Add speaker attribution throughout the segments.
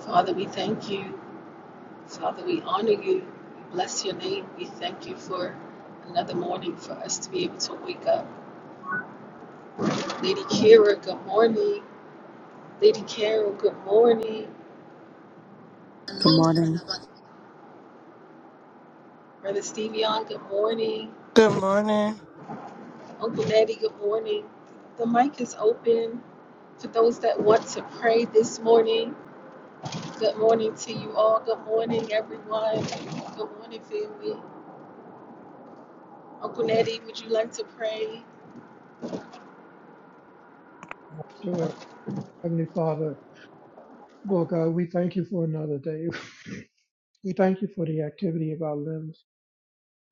Speaker 1: Father, we thank you. Father, we honor you. We bless your name. We thank you for another morning for us to be able to wake up. Lady Kira, good morning. Lady Carol, good morning.
Speaker 2: Good morning.
Speaker 1: Brother Stevion, good morning.
Speaker 3: Good morning.
Speaker 1: Uncle Daddy, good morning. The mic is open for those that want to pray this morning. Good morning to you all. Good morning, everyone. Good morning, family. Uncle Natty, would you like to pray?
Speaker 4: Sure. Heavenly Father, Lord God, we thank you for another day. we thank you for the activity of our limbs.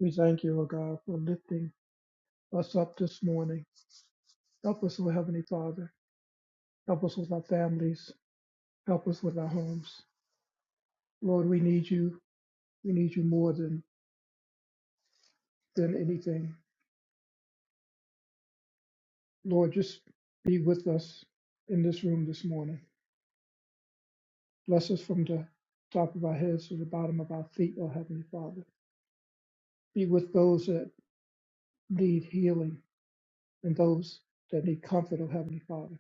Speaker 4: We thank you, O God, for lifting us up this morning. Help us, O Heavenly Father. Help us with our families. Help us with our homes. Lord, we need you. We need you more than, than anything. Lord, just be with us in this room this morning. Bless us from the top of our heads to the bottom of our feet, O Heavenly Father. Be with those that need healing and those that need comfort, O Heavenly Father.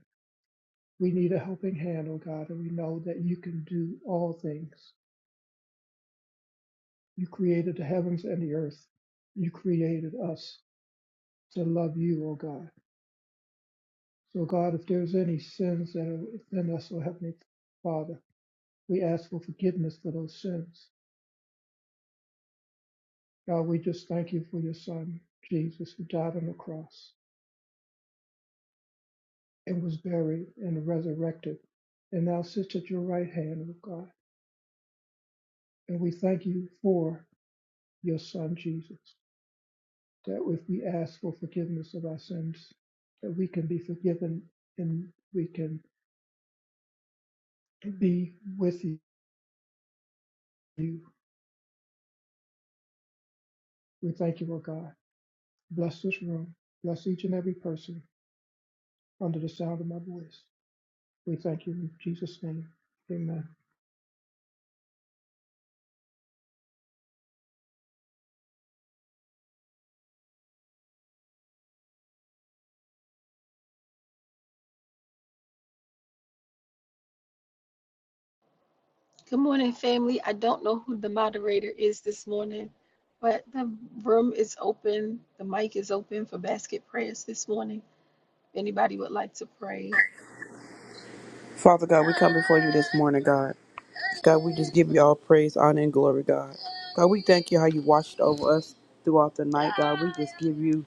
Speaker 4: We need a helping hand, O God, and we know that you can do all things. You created the heavens and the earth. You created us to love you, O God. So, God, if there's any sins that are within us, O Heavenly Father, we ask for forgiveness for those sins. God, we just thank you for your Son, Jesus, who died on the cross and was buried and resurrected and now sits at your right hand, O God. And we thank you for your Son, Jesus, that if we ask for forgiveness of our sins, that we can be forgiven and we can be with you. We thank you, O God. Bless this room. Bless each and every person under the sound of my voice. We thank you in Jesus' name. Amen.
Speaker 1: Good morning, family. I don't know who the moderator is this morning, but the room is open. The mic is open for basket prayers this morning. If anybody would like to pray,
Speaker 2: Father God, we come before you this morning, God. God, we just give you all praise, honor, and glory, God. God, we thank you how you watched over us throughout the night, God. We just give you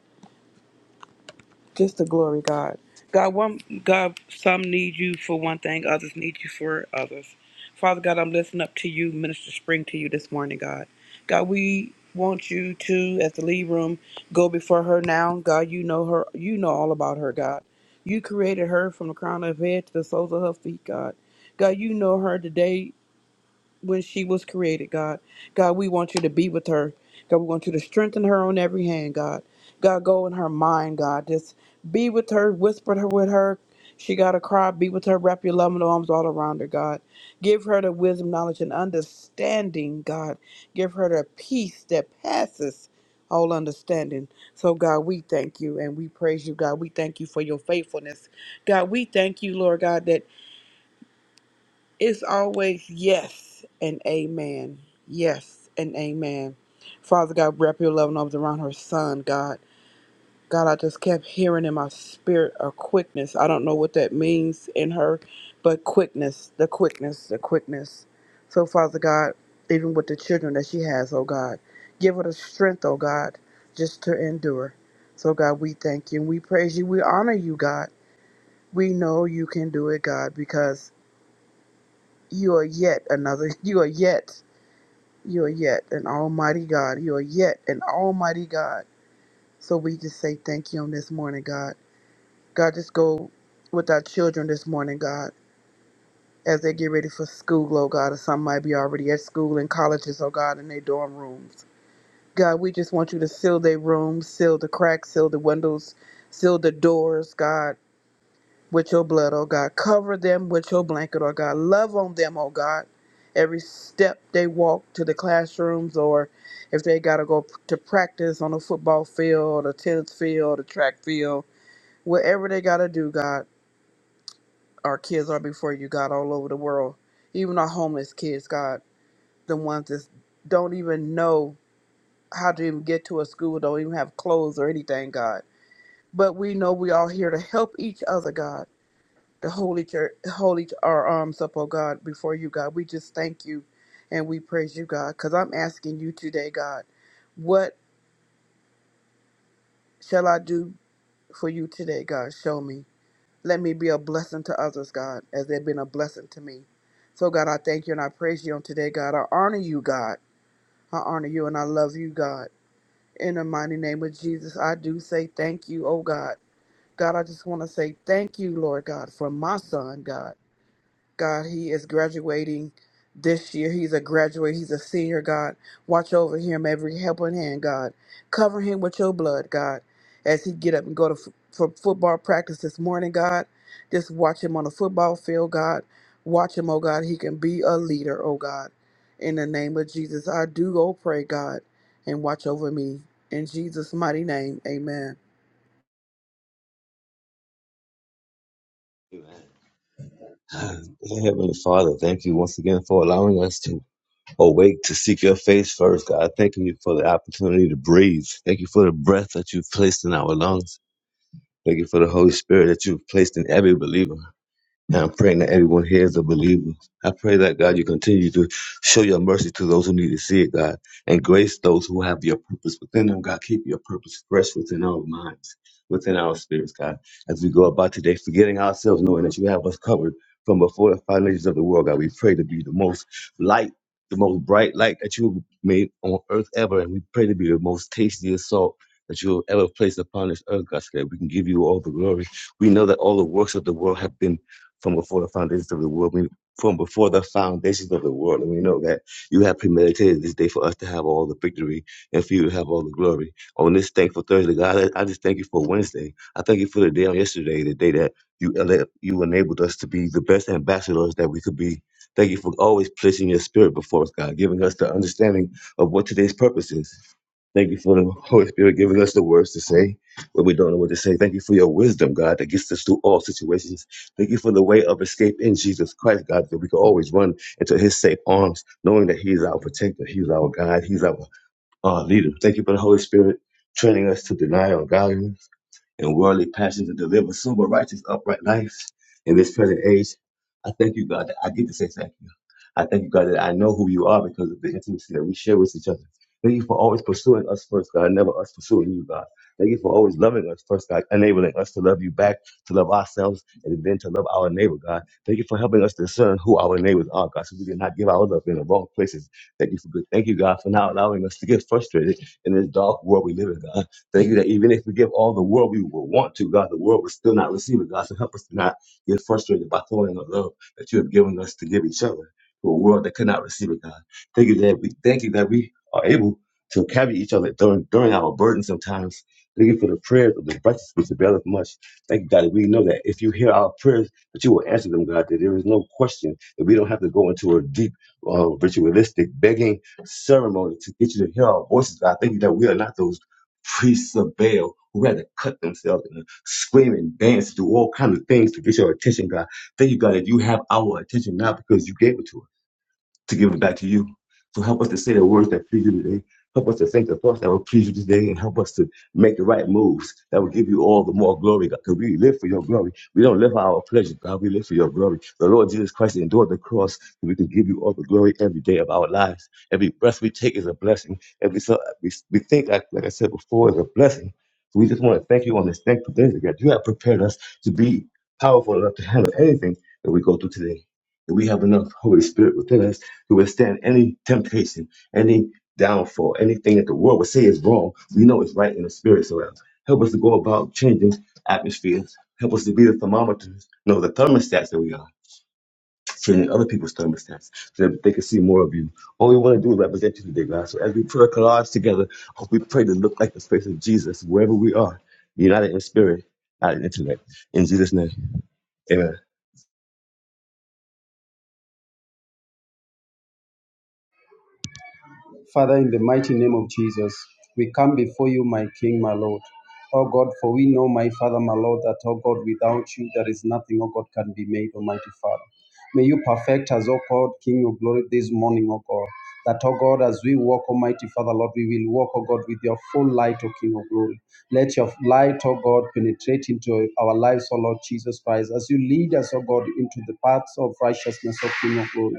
Speaker 2: Just to glory God. God, one God, some need you for one thing, others need you for others. Father God, I'm listening up to you, Minister Spring to you this morning, God. God, we want you to, at the lead room, go before her now. God, you know her you know all about her, God. You created her from the crown of her head to the soles of her feet, God. God, you know her today when she was created, God. God, we want you to be with her. God, we want you to strengthen her on every hand, God. God, go in her mind, God. Just be with her, whisper her with her. She got to cry. Be with her. Wrap your loving arms all around her, God. Give her the wisdom, knowledge, and understanding, God. Give her the peace that passes all understanding. So, God, we thank you and we praise you, God. We thank you for your faithfulness. God, we thank you, Lord God, that it's always yes and amen. Yes and amen. Father God, wrap your loving arms around her son, God. God, I just kept hearing in my spirit a quickness. I don't know what that means in her, but quickness, the quickness, the quickness. So, Father God, even with the children that she has, oh God, give her the strength, oh God, just to endure. So, God, we thank you and we praise you. We honor you, God. We know you can do it, God, because you are yet another. You are yet. You are yet an almighty God. You are yet an almighty God. So we just say thank you on this morning, God. God, just go with our children this morning, God, as they get ready for school, oh God, or some might be already at school and colleges, oh God, in their dorm rooms. God, we just want you to seal their rooms, seal the cracks, seal the windows, seal the doors, God. with your blood, oh God. Cover them with your blanket, oh God. Love on them, oh God. Every step they walk to the classrooms, or if they got to go p- to practice on a football field, a tennis field, a track field, whatever they got to do, God, our kids are before you, God, all over the world. Even our homeless kids, God, the ones that don't even know how to even get to a school, don't even have clothes or anything, God. But we know we all here to help each other, God. the holy church, holy our arms up, oh God, before you, God. We just thank you and we praise you, God, because I'm asking you today, God, what shall I do for you today, God? Show me. Let me be a blessing to others, God, as they've been a blessing to me. So, God, I thank you and I praise you on today, God. I honor you, God. I honor you and I love you, God. In the mighty name of Jesus, I do say thank you, oh God. God, I just want to say thank you, Lord God, for my son, God. God, he is graduating this year. He's a graduate. He's a senior, God. Watch over him every helping hand, God. Cover him with your blood, God. As he get up and go to f- for football practice this morning, God. Just watch him on the football field, God. Watch him, oh God. He can be a leader, oh God. In the name of Jesus, I do go pray, God, and watch over me. In Jesus' mighty name, amen.
Speaker 5: Amen. Dear Heavenly Father, thank you once again for allowing us to awake to seek your face first, God. Thanking you for the opportunity to breathe. Thank you for the breath that you've placed in our lungs. Thank you for the Holy Spirit that you've placed in every believer. Now I'm praying that everyone here is a believer. I pray that God, you continue to show your mercy to those who need to see it, God, and grace those who have your purpose within them. God, keep your purpose fresh within our minds, within our spirits, God, as we go about today, forgetting ourselves, knowing that you have us covered from before the foundations of the world, God. We pray to be the most light, the most bright light that you made on earth ever, and we pray to be the most tastiest salt. That you have ever placed upon this earth, God, so that we can give you all the glory. We know that all the works of the world have been from before the foundations of the world. We, from before the foundations of the world. And we know that you have premeditated this day for us to have all the victory and for you to have all the glory. On this thankful Thursday, God, I I just thank you for Wednesday. I thank you for the day on yesterday, the day that you ele- you enabled us to be the best ambassadors that we could be. Thank you for always placing your spirit before us, God, giving us the understanding of what today's purpose is. Thank you for the Holy Spirit giving us the words to say when we don't know what to say. Thank you for your wisdom, God, that gets us through all situations. Thank you for the way of escape in Jesus Christ, God, that we can always run into his safe arms, knowing that he is our protector, he is our guide, he's our uh, leader. Thank you for the Holy Spirit training us to deny our God and worldly passions to deliver sober, righteous, upright lives in this present age. I thank you, God, that I get to say thank you. I thank you, God, that I know who you are because of the intimacy that we share with each other. Thank you for always pursuing us first, God, never us pursuing you, God. Thank you for always loving us first, God, enabling us to love you back, to love ourselves, and then to love our neighbor, God. Thank you for helping us discern who our neighbors are, God, so we did not give our love in the wrong places. Thank you for good. Thank you, God, for not allowing us to get frustrated in this dark world we live in, God. Thank you that even if we give all the world we will want to, God, the world will still not receive it. God, so help us to not get frustrated by throwing the love that you have given us to give each other to a world that cannot receive it, God. Thank you that we thank you that we are able to carry each other during during our burden sometimes. Thank you for the prayers of the righteous which availeth much. Thank you, God, that we know that if you hear our prayers, that you will answer them, God, that there is no question that we don't have to go into a deep, uh, ritualistic begging ceremony to get you to hear our voices, God. Thank you that we are not those priests of Baal who had to cut themselves and scream and dance, do all kinds of things to get your attention, God. Thank you, God, that you have our attention now because you gave it to us to give it back to you. So help us to say the words that please you today. Help us to think the thoughts that will please you today and help us to make the right moves that will give you all the more glory, God. Because we live for your glory. We don't live for our pleasure, God. We live for your glory. The Lord Jesus Christ endured the cross so we can give you all the glory every day of our lives. Every breath we take is a blessing. Every so we, we think, like, like I said before, is a blessing. So we just want to thank you on this thankful day God. You have prepared us to be powerful enough to handle anything that we go through today. That we have enough Holy Spirit within us to withstand any temptation, any downfall, anything that the world would say is wrong. We know it's right in the spirit. So help us to go about changing atmospheres. Help us to be the thermometers, no, the thermostats that we are, changing other people's thermostats so that they can see more of you. All we want to do is represent you today, God. So as we pray collage together, hope we pray to look like the face of Jesus wherever we are, united in spirit, not in intellect. In Jesus' name, amen.
Speaker 6: Father, in the mighty name of Jesus, we come before you, my King, my Lord. Oh God, for we know, my Father, my Lord, that, oh God, without you there is nothing, oh God, can be made, Almighty Father. May you perfect us, Oh God, King of glory, this morning, Oh God. That, Oh God, as we walk, Almighty Father, Lord, we will walk, Oh God, with your full light, Oh King of glory. Let your light, Oh God, penetrate into our lives, Oh Lord Jesus Christ, as you lead us, Oh God, into the paths of righteousness, Oh King of glory.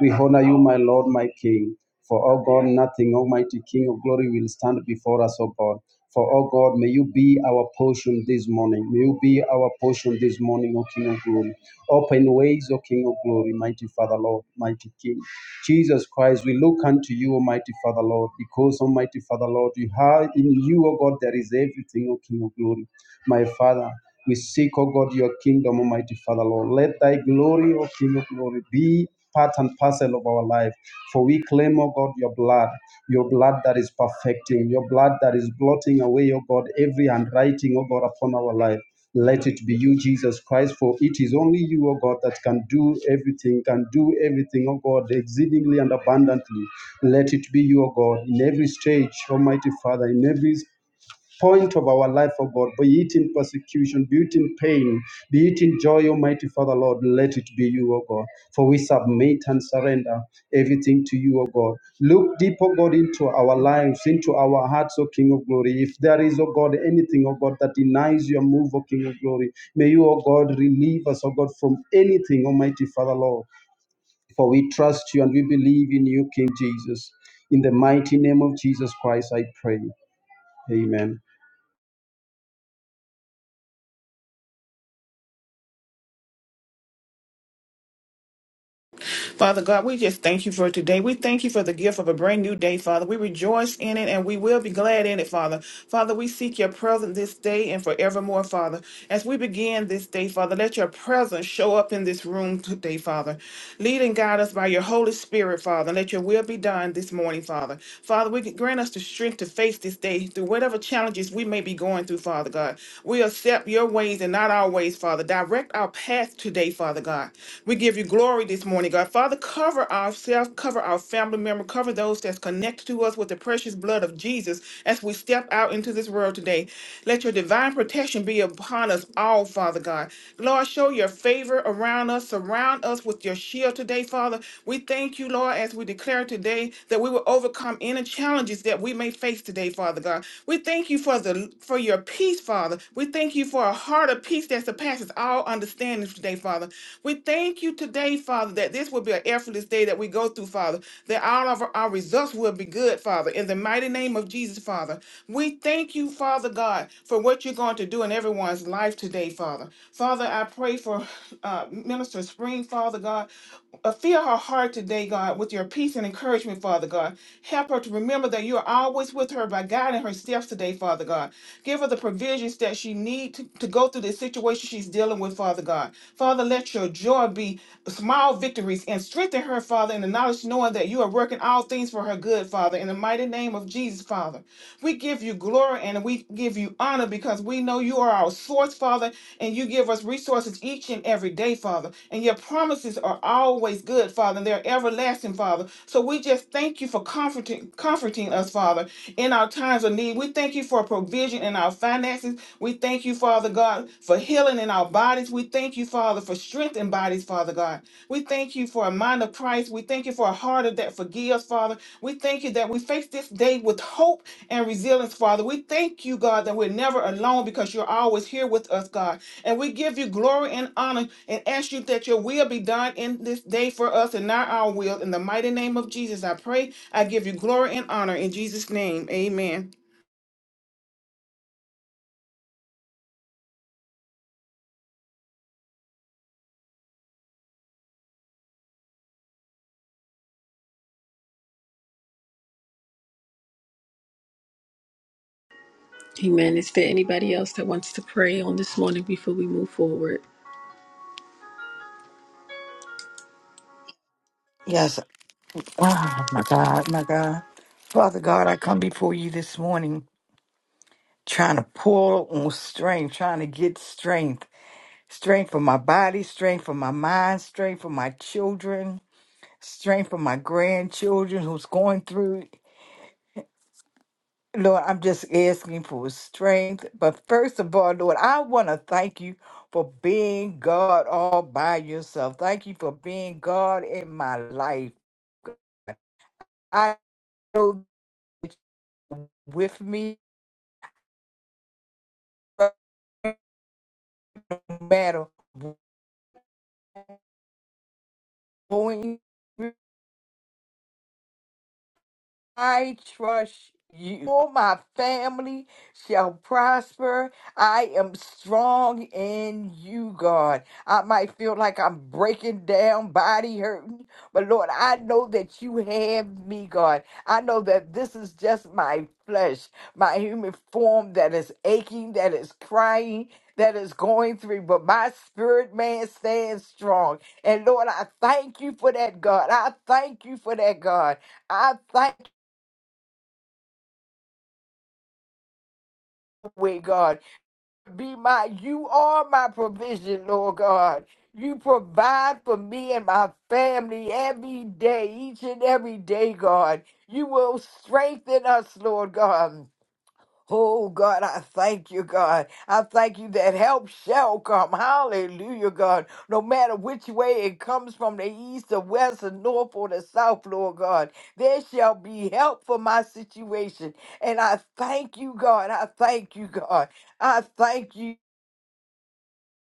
Speaker 6: We honor you, my Lord, my King. For, O God, nothing, Almighty King of glory, will stand before us, O God. For, O God, may you be our portion this morning. May you be our portion this morning, O King of glory. Open ways, O King of glory, mighty Father, Lord, mighty King. Jesus Christ, we look unto you, Almighty Father, Lord, because, Almighty Father, Lord, you have in you, O God, there is everything, O King of glory. My Father, we seek, O God, your kingdom, Almighty Father, Lord. Let thy glory, O King of glory, be part and parcel of our life. For we claim, O God, your blood, your blood that is perfecting, your blood that is blotting away, O God, every handwriting, O God, upon our life. Let it be you, Jesus Christ, for it is only you, O God, that can do everything, can do everything, O God, exceedingly and abundantly. Let it be you, O God, in every stage, Almighty Father, in every point of our life, O God, be it in persecution, be it in pain, be it in joy, Almighty Father, Lord, let it be you, O God. For we submit and surrender everything to you, O God. Look deep, O God, into our lives, into our hearts, O King of Glory. If there is, O God, anything, O God, that denies your move, O King of Glory, may you, O God, relieve us, O God, from anything, Almighty Father, Lord. For we trust you and we believe in you, King Jesus. In the mighty name of Jesus Christ, I pray. Amen.
Speaker 7: Father God, we just thank you for today. We thank you for the gift of a brand new day, Father. We rejoice in it and we will be glad in it, Father. Father, we seek your presence this day and forevermore, Father. As we begin this day, Father, let your presence show up in this room today, Father. Lead and guide us by your Holy Spirit, Father. Let your will be done this morning, Father. Father, we grant us the strength to face this day through whatever challenges we may be going through, Father God. We accept your ways and and not our ways, Father. Direct our path today, Father God. We give you glory this morning, God. Father, cover ourselves, cover our family member, cover those that's connected to us with the precious blood of Jesus as we step out into this world today. Let your divine protection be upon us all, Father God. Lord, show your favor around us, surround us with your shield today, Father. We thank you, Lord, as we declare today that we will overcome any challenges that we may face face today, Father God. We thank you for the for your peace, Father. We thank you for a heart of peace that surpasses all understanding today, Father. We thank you today, Father, that this will be an effortless day that we go through, Father, that all of our our results will be good, Father, in the mighty name of Jesus, Father. We thank you, Father God, for what you're going to do in everyone's life today, Father. Father, I pray for uh, Minister Spring, Father God, Uh, fill her heart today, God, with your peace and encouragement, Father God. Help her to remember that you are always with her by guiding her steps today, Father God. Give her the provisions that she needs to, to go through the situation she's dealing with, Father God. Father, let your joy be small victories and strengthen her, Father, in the knowledge knowing that you are working all things for her good, Father, in the mighty name of Jesus, Father. We give you glory and we give you honor because we know you are our source, Father, and you give us resources each and every day, Father. And your promises are always good, Father. And they're everlasting, Father. So we just thank you for comforting, comforting us, Father, in our times of need. We thank you for provision in our finances. We thank you, Father God, for healing in our bodies. We thank you, Father, for strength in bodies, Father God. We thank you for a mind of Christ. We thank you for a heart of that forgives, Father. We thank you that we face this day with hope and resilience, Father. We thank you, God, that we're never alone because you're always here with us, God. And we give you glory and honor and ask you that your will be done in this day for us and not our will. In the mighty name of Jesus, I pray. I give you glory and honor in Jesus' name. Amen.
Speaker 1: amen. Is there anybody else that wants to pray on this morning before we move forward?
Speaker 8: Yes. Oh, my God, my God. Father God, I come before you this morning trying to pull on strength, trying to get strength. Strength for my body, strength for my mind, strength for my children, strength for my grandchildren who's going through. Lord, I'm just asking for strength. But first of all, Lord, I want to thank you for being God all by yourself. Thank you for being God in my life. I know that you're with me matter when I trust you. All my family shall prosper. I am strong in you, God. I might feel like I'm breaking down, body hurting, but Lord, I know that you have me, God. I know that this is just my flesh, my human form that is aching, that is crying. That is going through, but my spirit man stands strong. And Lord, I thank you for that, God. I thank you for that, God. I thank With God. Be my, you are my provision, Lord God. You provide for me and my family every day, each and every day, God. You will strengthen us, Lord God. Oh God, I thank you, God. I thank you that help shall come. Hallelujah, God. No matter which way it comes from the east the west the north or the south, Lord God, there shall be help for my situation. And I thank you, God. I thank you, God. I thank you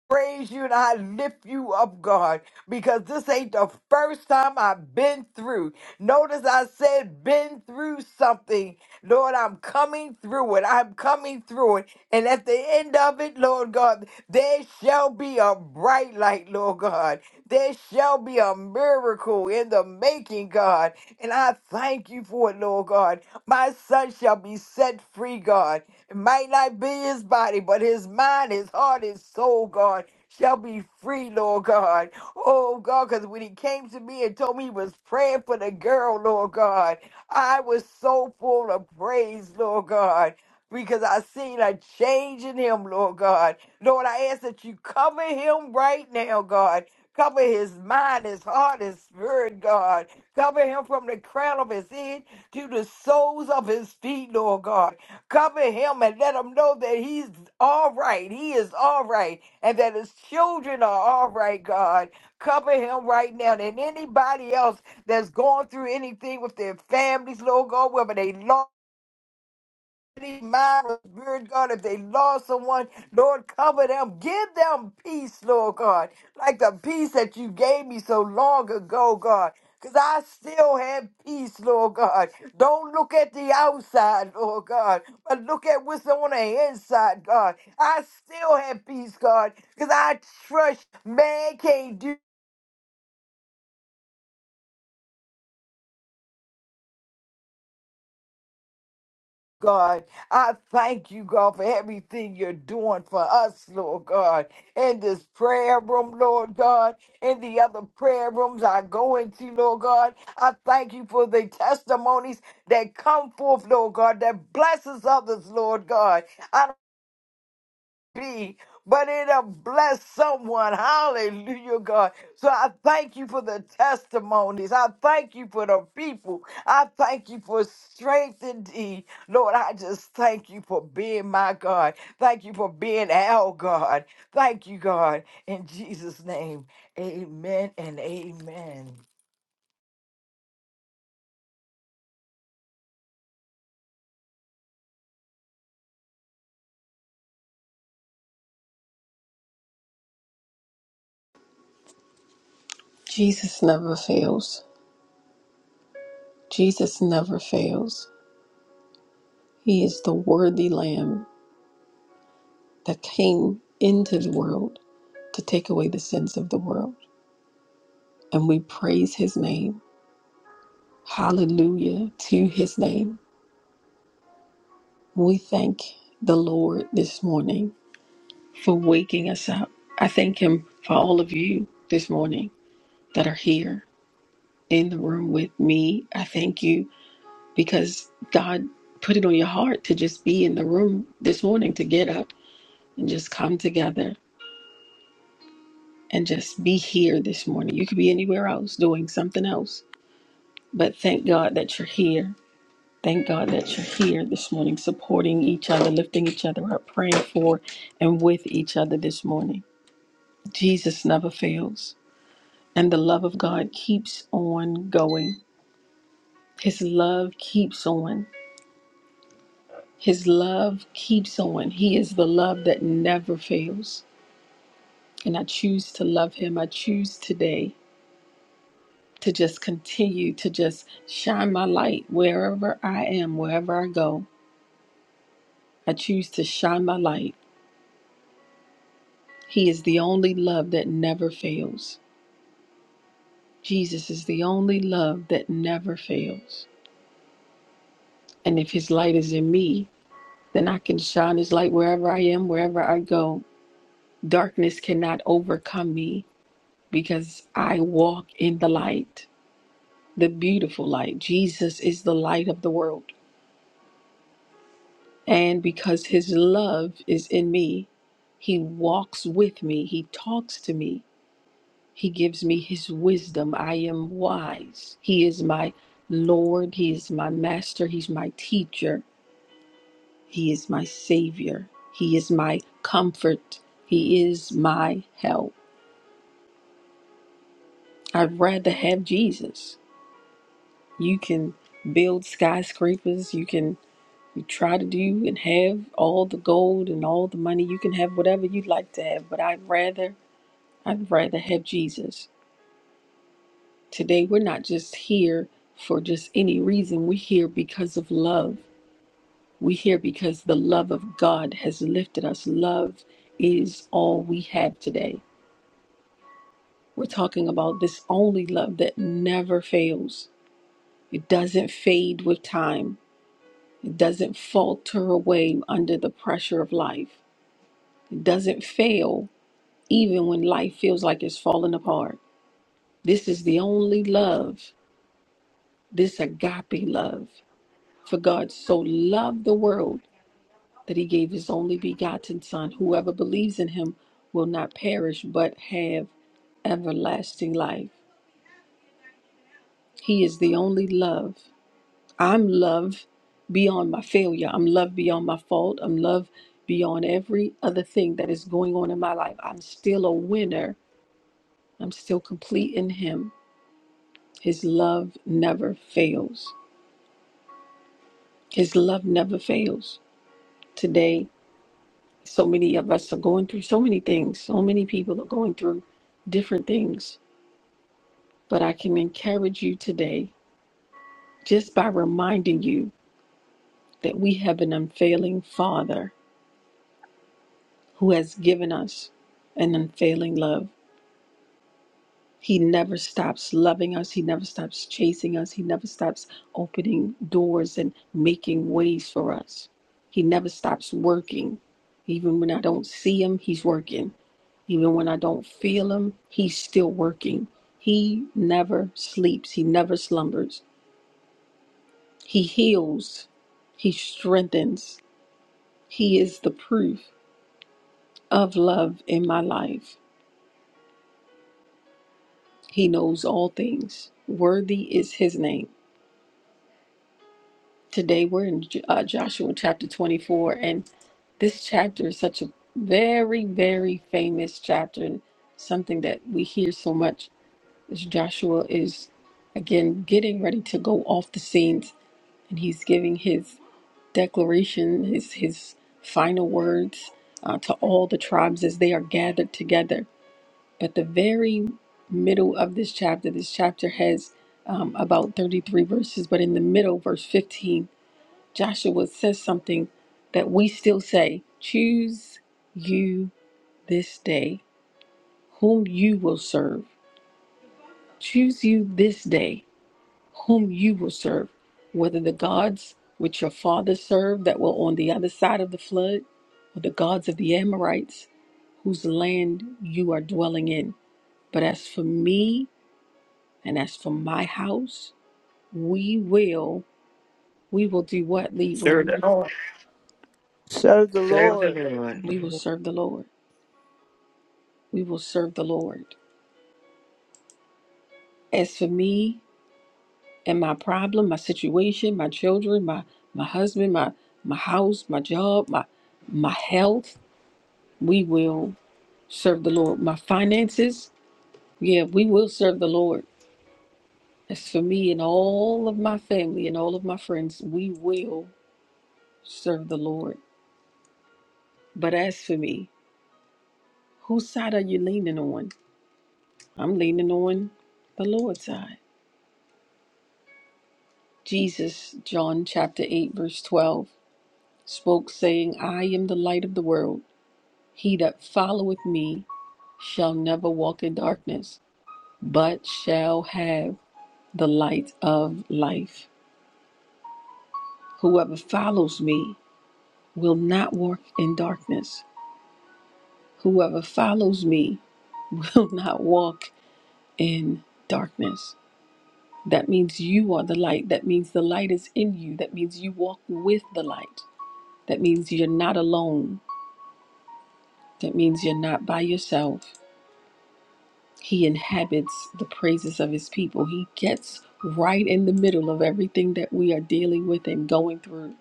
Speaker 8: praise you and I lift you up, God, because this ain't the first time I've been through. Notice I said been through something. Lord, I'm coming through it. I'm coming through it. And at the end of it, Lord God, there shall be a bright light, Lord God. There shall be a miracle in the making, God. And I thank you for it, Lord God. My son shall be set free, God. It might not be his body, but his mind, his heart, his soul, God, shall be free, Lord God. Oh, God, because when he came to me and told me he was praying for the girl, Lord God, I was so full of praise, Lord God. Because I seen a change in him, Lord God. Lord, I ask that you cover him right now, God. Cover his mind, his heart, his spirit, God. Cover him from the crown of his head to the soles of his feet, Lord God. Cover him and let him know that he's all right. He is all right. And that his children are all right, God. Cover him right now. And anybody else that's going through anything with their families, Lord God, whether they lost mind, spirit, God, if they lost someone, Lord, cover them. Give them peace, Lord God, like the peace that you gave me so long ago, God. Because I still have peace, Lord God. Don't look at the outside, Lord God, but look at what's on the inside, God. I still have peace, God, because I trust man can't do God. I thank you, God, for everything you're doing for us, Lord God, in this prayer room, Lord God, in the other prayer rooms I go into, Lord God. I thank you for the testimonies that come forth, Lord God, that blesses others, Lord God be, but it'll bless someone. Hallelujah, God. So I thank you for the testimonies. I thank you for the people. I thank you for strength indeed. Lord, I just thank you for being my God. Thank you for being our God. Thank you, God. In Jesus' name, amen and amen.
Speaker 1: Jesus never fails. Jesus never fails. He is the worthy lamb. that came into the world to take away the sins of the world. And we praise his name. Hallelujah to his name. We thank the Lord this morning for waking us up. I thank him for all of you this morning that are here in the room with me. I thank you because God put it on your heart to just be in the room this morning, to get up and just come together and just be here this morning. You could be anywhere else doing something else But thank God that you're here. Thank God that you're here this morning, supporting each other, lifting each other up, praying for and with each other this morning. Jesus never fails. And the love of God keeps on going. His love keeps on. His love keeps on. He is the love that never fails. And I choose to love him. I choose today to just continue to just shine my light wherever I am, wherever I go. I choose to shine my light He is the only love that never fails. Jesus is the only love that never fails. And if His light is in me, then I can shine His light wherever I am, wherever I go. Darkness cannot overcome me because I walk in the light, the beautiful light. Jesus is the light of the world. And because His love is in me, He walks with me, He talks to me. He gives me his wisdom. I am wise. He is my Lord. He is my master. He's my teacher. He is my savior. He is my comfort. He is my help. I'd rather have Jesus. You can build skyscrapers. You can you try to do and have all the gold and all the money. You can have whatever you'd like to have, but I'd rather I'd rather have Jesus. Today, we're not just here for just any reason. We're here because of love. We're here because the love of God has lifted us. Love is all we have today. We're talking about this only love that never fails, it doesn't fade with time, it doesn't falter away under the pressure of life, it doesn't fail even when life feels like it's falling apart. This is the only love, this agape love. For God so loved the world that he gave his only begotten Son. Whoever believes in him will not perish but have everlasting life. He is the only love. I'm love beyond my failure. I'm love beyond my fault. I'm love beyond every other thing that is going on in my life. I'm still a winner. I'm still complete in him. His love never fails. His love never fails. Today, So many of us are going through so many things. So many people are going through different things. But I can encourage you today just by reminding you that we have an unfailing Father who has given us an unfailing love. He never stops loving us. He never stops chasing us. He never stops opening doors and making ways for us. He never stops working. Even when I don't see him, he's working. Even when I don't feel him, he's still working. He never sleeps. He never slumbers. He heals. He strengthens. He is the proof of love in my life. He knows all things. Worthy is his name. Today we're in uh, Joshua chapter 24, and this chapter is such a very, very famous chapter, and something that we hear so much is Joshua is again getting ready to go off the scenes, and he's giving his declaration, his his final words uh, to all the tribes as they are gathered together. But the very middle of this chapter, this chapter has um, about 33 verses, but in the middle, verse 15 Joshua says something that we still say choose you this day whom you will serve. Choose you this day whom you will serve, whether the gods which your fathers served that were on the other side of the flood, or the gods of the Amorites whose land you are dwelling in. But as for me and as for my house, we will, we will do what, Lead
Speaker 7: Sure.
Speaker 1: Room?
Speaker 7: Lord,
Speaker 9: Serve the
Speaker 8: Serve the
Speaker 9: Lord.
Speaker 8: Lord.
Speaker 1: We
Speaker 4: The
Speaker 1: will
Speaker 4: Lord
Speaker 1: serve the Lord. We will serve the Lord. As for me and my problem, my situation, my children, my my husband, my my house, my job, my my health, we will serve the Lord. My finances, yeah, we will serve the Lord. As for me and all of my family and all of my friends, we will serve the Lord. But as for me, whose side are you leaning on? I'm leaning on the Lord's side. Jesus, John chapter 8, verse 12, spoke, saying, I am the light of the world. He that followeth me shall never walk in darkness, but shall have the light of life. Whoever follows me will not walk in darkness. Whoever follows me will not walk in darkness. That means you are the light. That means the light is in you. That means you walk with the light. That means you're not alone. That means you're not by yourself. He inhabits the praises of his people. He gets right in the middle of everything that we are dealing with and going through.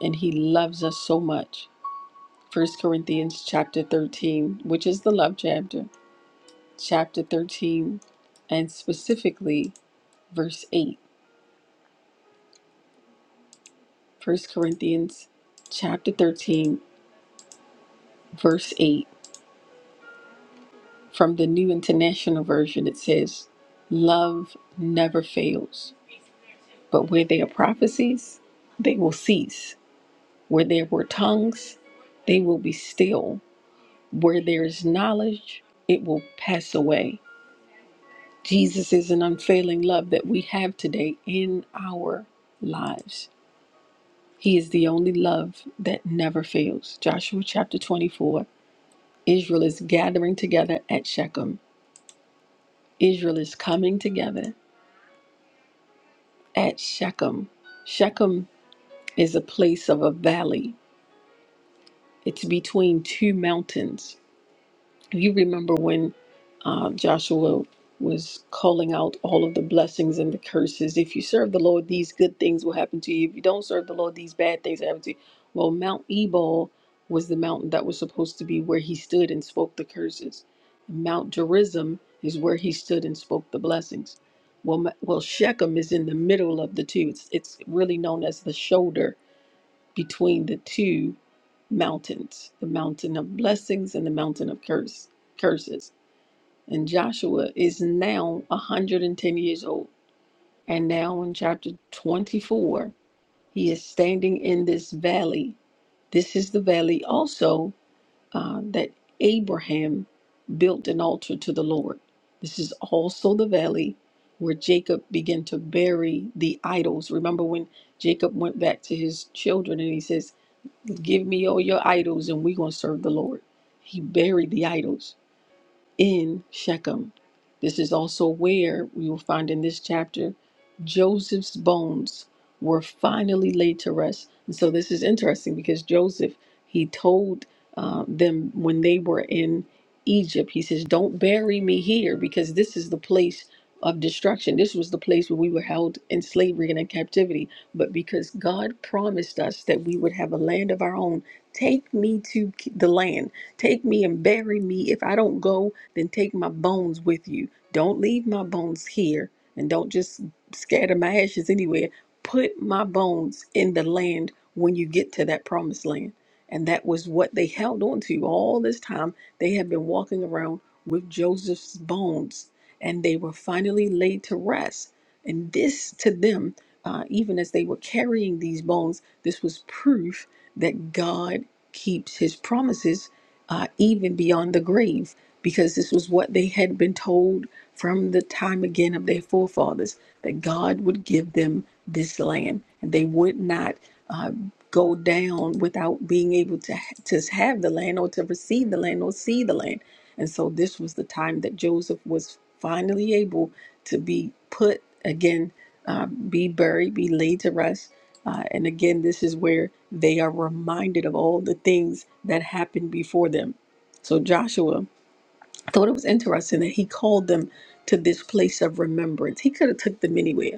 Speaker 1: And he loves us so much. First Corinthians chapter 13, which is the love chapter, chapter 13, and specifically verse 8. First Corinthians chapter 13, verse 8. From the New International Version, it says, Love never fails, but where there are prophecies, they will cease Where there were tongues, they will be still. Where there is knowledge, it will pass away. Jesus is an unfailing love that we have today in our lives. He is the only love that never fails. Joshua chapter 24 Israel is gathering together at Shechem. Israel is coming together at Shechem. Shechem is a place of a valley, it's between two mountains. You remember when uh, Joshua was calling out all of the blessings and the curses. If you serve the Lord, these good things will happen to you. If you don't serve the Lord, these bad things happen to you. Well, Mount Ebal was the mountain that was supposed to be where he stood and spoke the curses. Mount Gerizim is where he stood and spoke the blessings. Well, Ma- well, Shechem is in the middle of the two. It's, it's really known as the shoulder between the two mountains, the mountain of blessings and the mountain of curse, curses. And Joshua is now 110 years old. And now in chapter 24, he is standing in this valley. This is the valley also uh, that Abraham built an altar to the Lord. This is also the valley where Jacob began to bury the idols. Remember when Jacob went back to his children and he says, Give me all your idols and we're going to serve the Lord. He buried the idols in Shechem. This is also where we will find in this chapter Joseph's bones were finally laid to rest. And so this is interesting because Joseph, he told uh, them when they were in Egypt, he says, Don't bury me here because this is the place of destruction. This was the place where we were held in slavery and in captivity. But because God promised us that we would have a land of our own, take me to the land. Take me and bury me if I don't go then take my bones with you. Don't leave my bones here and don't just scatter my ashes anywhere. Put my bones in the land when you get to that promised land. And that was what they held on to all this time. They had been walking around with Joseph's bones and they were finally laid to rest. And this to them, uh, even as they were carrying these bones, this was proof that God keeps his promises uh, even beyond the grave because this was what they had been told from the time again of their forefathers that God would give them this land and they would not uh, go down without being able to to have the land or to receive the land or see the land. And so this was the time that Joseph was finally able to be put again, uh, be buried, be laid to rest. Uh, and again, this is where they are reminded of all the things that happened before them. So Joshua I thought it was interesting that he called them to this place of remembrance. He could have took them anywhere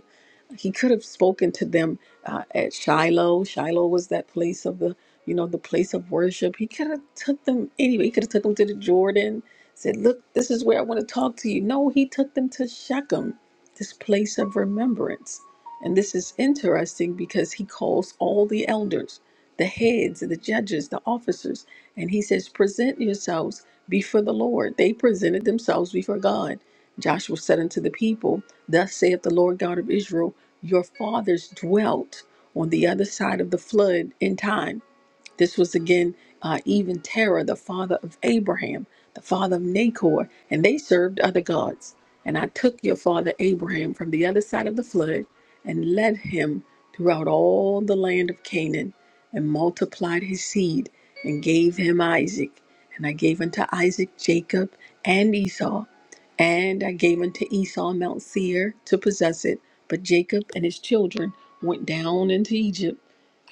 Speaker 1: he could have spoken to them uh, at Shiloh. Shiloh was that place of the, you know, the place of worship. He could have took them anyway. He could have took them to the Jordan. Said, "Look, this is where I want to talk to you." No, he took them to Shechem, this place of remembrance. And this is interesting because he calls all the elders, the heads, the judges, the officers, and he says, "Present yourselves before the Lord." They presented themselves before God Joshua said unto the people, Thus saith the Lord God of Israel, Your fathers dwelt on the other side of the flood in time this was again uh, even Terah, the father of Abraham, the father of Nahor, and they served other gods. And I took your father Abraham from the other side of the flood and led him throughout all the land of Canaan and multiplied his seed and gave him Isaac. And I gave unto Isaac Jacob and Esau. And I gave unto Esau Mount Seir to possess it. But Jacob and his children went down into Egypt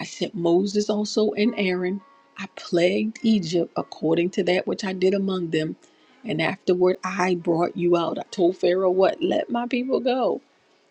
Speaker 1: I sent Moses also and Aaron. I plagued Egypt according to that which I did among them. And afterward I brought you out. I told Pharaoh what? Let my people go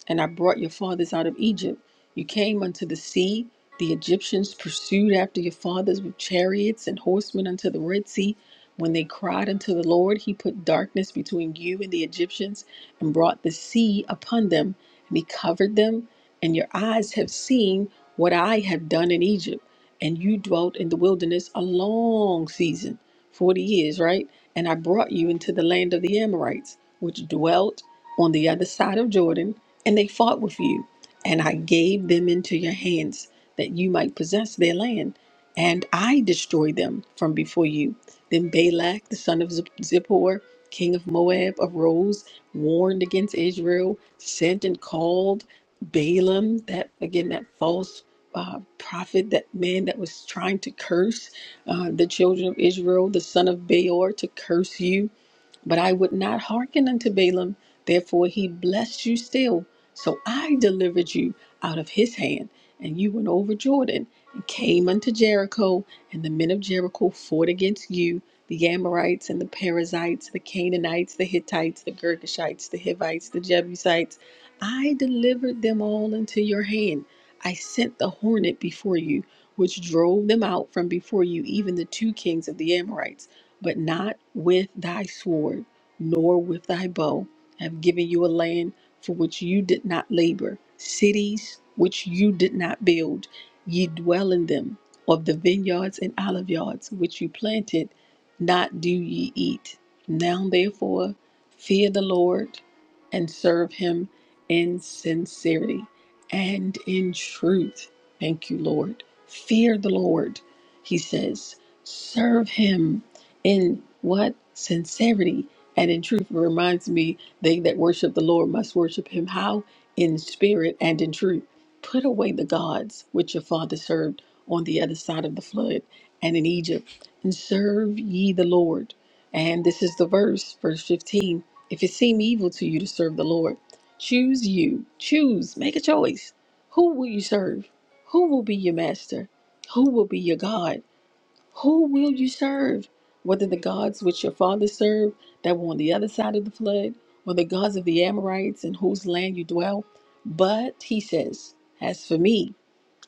Speaker 1: and I brought your fathers out of Egypt. You came unto the sea. The Egyptians pursued after your fathers with chariots and horsemen unto the Red Sea. When they cried unto the Lord, he put darkness between you and the Egyptians and brought the sea upon them, and he covered them. And your eyes have seen what I have done in Egypt. And you dwelt in the wilderness a long season, 40 years, right? And I brought you into the land of the Amorites, which dwelt on the other side of Jordan and they fought with you. And I gave them into your hands that you might possess their land. And I destroyed them from before you. Then Balak, the son of Zip- Zippor, king of Moab, arose, warned against Israel, sent and called Balaam, that again, that false uh, prophet, that man that was trying to curse uh, the children of Israel, the son of Beor, to curse you but I would not hearken unto Balaam, therefore he blessed you still. So I delivered you out of his hand, and you went over Jordan, and came unto Jericho, and the men of Jericho fought against you, the Amorites, and the Perizzites, the Canaanites, the Hittites, the Girgashites, the Hivites, the Jebusites. I delivered them all into your hand. I sent the hornet before you, which drove them out from before you, even the two kings of the Amorites but not with thy sword, nor with thy bow. I have given you a land for which you did not labor, cities which you did not build. Ye dwell in them. Of the vineyards and olive yards which you planted, not do ye eat. Now therefore, fear the Lord and serve him in sincerity and in truth. Thank you, Lord. Fear the Lord, he says. Serve him in what sincerity and in truth It reminds me they that worship the lord must worship him how in spirit and in truth put away the gods which your father served on the other side of the flood and in egypt and serve ye the lord and this is the verse verse 15 if it seem evil to you to serve the lord choose you choose make a choice who will you serve who will be your master who will be your god who will you serve? Whether the gods which your fathers served that were on the other side of the flood, or the gods of the Amorites in whose land you dwell. But he says, As for me,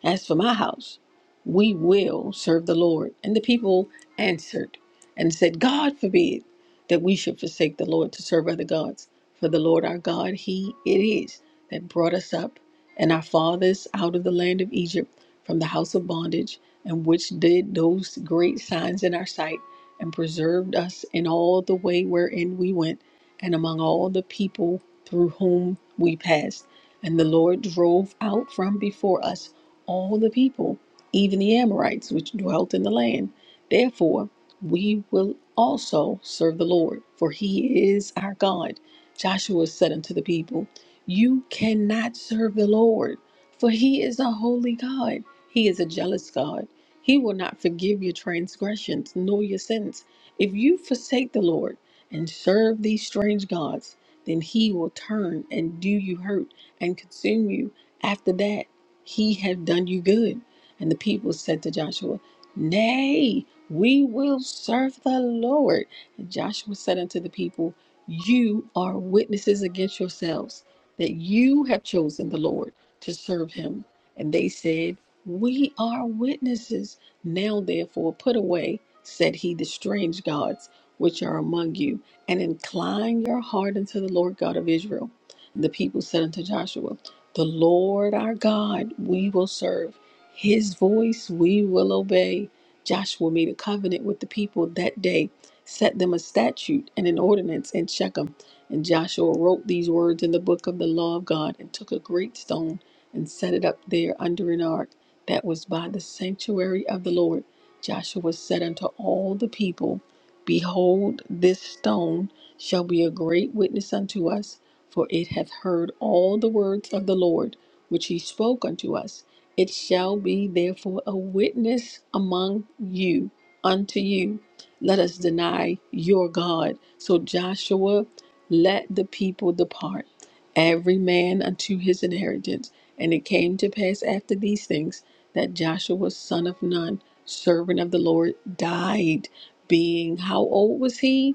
Speaker 1: as for my house, we will serve the Lord. And the people answered and said, God forbid that we should forsake the Lord to serve other gods. For the Lord our God, He it is that brought us up and our fathers out of the land of Egypt from the house of bondage, and which did those great signs in our sight and preserved us in all the way wherein we went and among all the people through whom we passed. And the Lord drove out from before us all the people, even the Amorites which dwelt in the land. Therefore, we will also serve the Lord, for he is our God. Joshua said unto the people, You cannot serve the Lord, for he is a holy God. He is a jealous God. He will not forgive your transgressions nor your sins. If you forsake the Lord and serve these strange gods, then he will turn and do you hurt and consume you after that he have done you good. And the people said to Joshua, Nay, we will serve the Lord. And Joshua said unto the people, You are witnesses against yourselves that you have chosen the Lord to serve him. And they said, We are witnesses. Now therefore put away, said he, the strange gods which are among you, and incline your heart unto the Lord God of Israel. And the people said unto Joshua, the Lord our God we will serve, his voice we will obey. Joshua made a covenant with the people that day, set them a statute and an ordinance in Shechem. And Joshua wrote these words in the book of the law of God and took a great stone and set it up there under an ark that was by the sanctuary of the Lord. Joshua said unto all the people, Behold, this stone shall be a great witness unto us for it hath heard all the words of the Lord which he spoke unto us. It shall be therefore a witness among you unto you. Let us deny your God. So Joshua let the people depart, every man unto his inheritance. And it came to pass after these things that Joshua, son of Nun, servant of the Lord, died, being how old was he?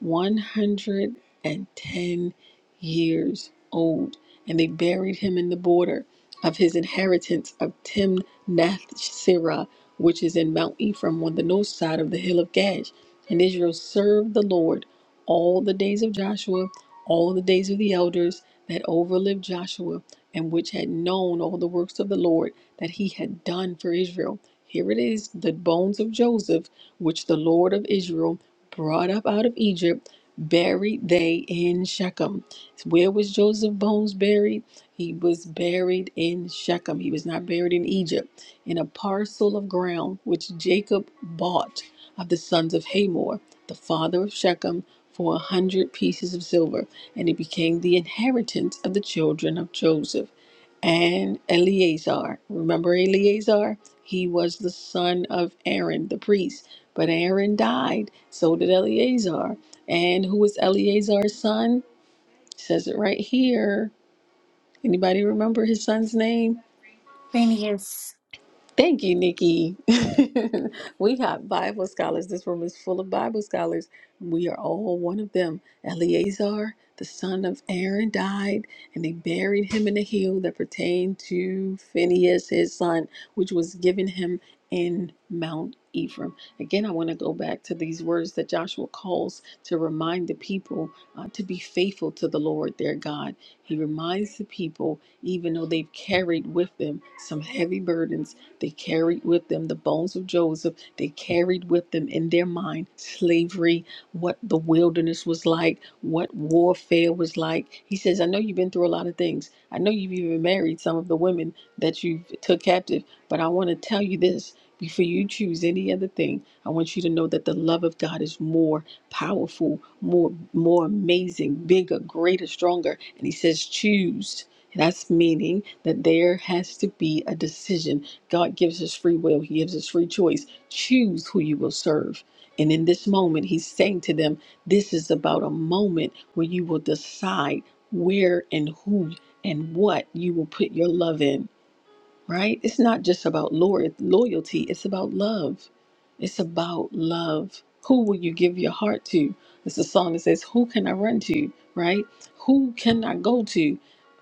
Speaker 1: 110 years old, and they buried him in the border of his inheritance of Timnath Serah, which is in Mount Ephraim on the north side of the hill of Gash. And Israel served the Lord all the days of Joshua, all the days of the elders that overlived Joshua, and which had known all the works of the Lord that he had done for Israel. Here it is, the bones of Joseph, which the Lord of Israel brought up out of Egypt, buried they in Shechem. Where was Joseph's Bones buried? He was buried in Shechem. He was not buried in Egypt, in a parcel of ground which Jacob bought of the sons of Hamor, the father of Shechem, for a hundred pieces of silver, and it became the inheritance of the children of Joseph. And Eleazar, remember Eleazar? He was the son of Aaron, the priest but Aaron died, so did Eleazar. And who was Eleazar's son? It says it right here. Anybody remember his son's name?
Speaker 10: Phineas.
Speaker 1: Thank you, Nikki. we have Bible scholars. This room is full of Bible scholars. We are all one of them. Eleazar, the son of Aaron, died, and they buried him in a hill that pertained to Phinehas his son, which was given him in Mount Ephraim. Again, I want to go back to these words that Joshua calls to remind the people uh, to be faithful to the Lord their God. He reminds the people, even though they've carried with them some heavy burdens they carried with them the bones of Joseph. They carried with them in their mind slavery, what the wilderness was like, what warfare was like. He says, I know you've been through a lot of things. I know you've even married some of the women that you took captive, but I want to tell you this. Before you choose any other thing, I want you to know that the love of God is more powerful, more more amazing, bigger, greater, stronger. And he says choose. That's meaning that there has to be a decision God gives us free will, He gives us free choice. Choose who you will serve. And in this moment, He's saying to them, This is about a moment where you will decide where and who and what you will put your love in right? It's not just about lo- loyalty, it's about love. It's about love. Who will you give your heart to? It's a song that says, Who can I run to, right? Who can I go to,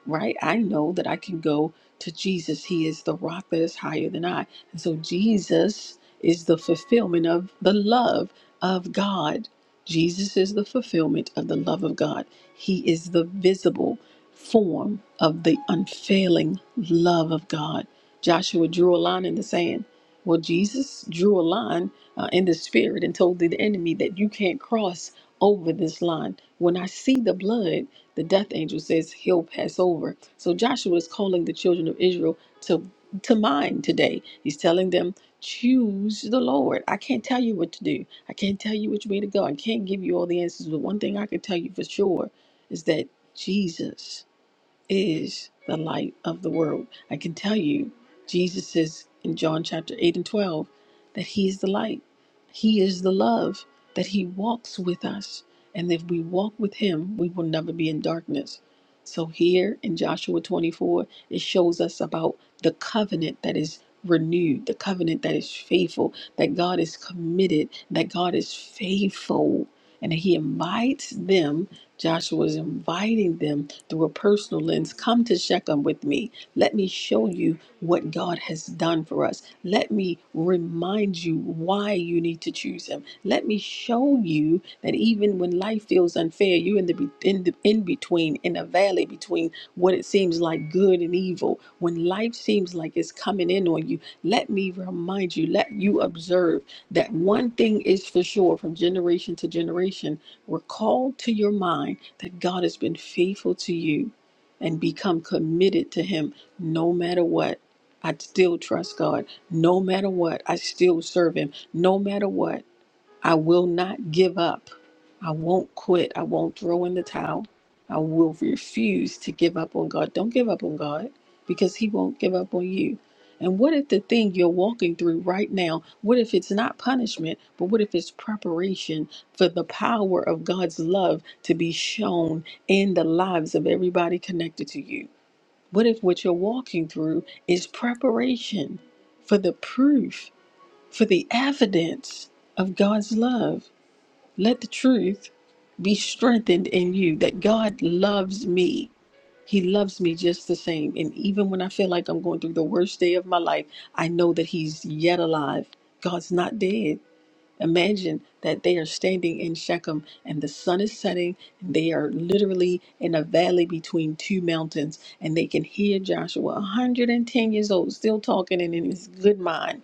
Speaker 1: right? I know that I can go to Jesus. He is the rock that is higher than I. And so Jesus is the fulfillment of the love of God. Jesus is the fulfillment of the love of God. He is the visible form of the unfailing love of God Joshua drew a line in the sand. Well, Jesus drew a line uh, in the spirit and told the enemy that you can't cross over this line. When I see the blood, the death angel says he'll pass over. So Joshua is calling the children of Israel to to mind today. He's telling them, choose the Lord. I can't tell you what to do. I can't tell you which way to go. I can't give you all the answers. But one thing I can tell you for sure is that Jesus is the light of the world. I can tell you, Jesus says in John chapter 8 and 12 that He is the light, He is the love, that He walks with us. And if we walk with Him, we will never be in darkness. So here in Joshua 24, it shows us about the covenant that is renewed, the covenant that is faithful, that God is committed, that God is faithful, and that He invites them Joshua is inviting them through a personal lens. Come to Shechem with me. Let me show you what God has done for us. Let me remind you why you need to choose Him. Let me show you that even when life feels unfair, you're in the be- in the in between, in a valley between what it seems like good and evil. When life seems like it's coming in on you, let me remind you. Let you observe that one thing is for sure from generation to generation Recall to your mind that God has been faithful to you and become committed to Him no matter what. I still trust God. No matter what, I still serve Him. No matter what. I will not give up. I won't quit. I won't throw in the towel. I will refuse to give up on God. Don't give up on God because He won't give up on you. And what if the thing you're walking through right now, what if it's not punishment, but what if it's preparation for the power of God's love to be shown in the lives of everybody connected to you? What if what you're walking through is preparation for the proof, for the evidence of God's love? Let the truth be strengthened in you that God loves me. He loves me just the same. And even when I feel like I'm going through the worst day of my life, I know that He's yet alive. God's not dead. Imagine that they are standing in Shechem and the sun is setting, and they are literally in a valley between two mountains, and they can hear Joshua, 110 years old, still talking and in his good mind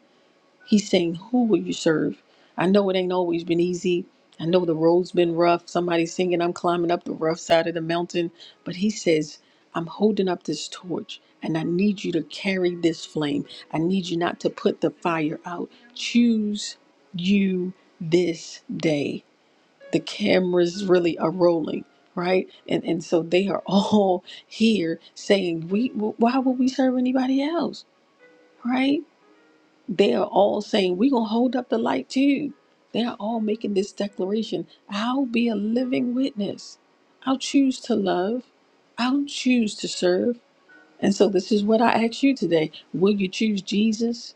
Speaker 1: He's saying, Who will you serve? I know it ain't always been easy. I know the road's been rough. Somebody's singing, I'm climbing up the rough side of the mountain. But he says, I'm holding up this torch and I need you to carry this flame. I need you not to put the fire out. Choose you this day. The cameras really are rolling, right? And and so they are all here saying, We why would we serve anybody else? Right? they are all saying, We're going to hold up the light too. They are all making this declaration I'll be a living witness. I'll choose to love. I'll choose to serve. And so, this is what I ask you today. Will you choose Jesus?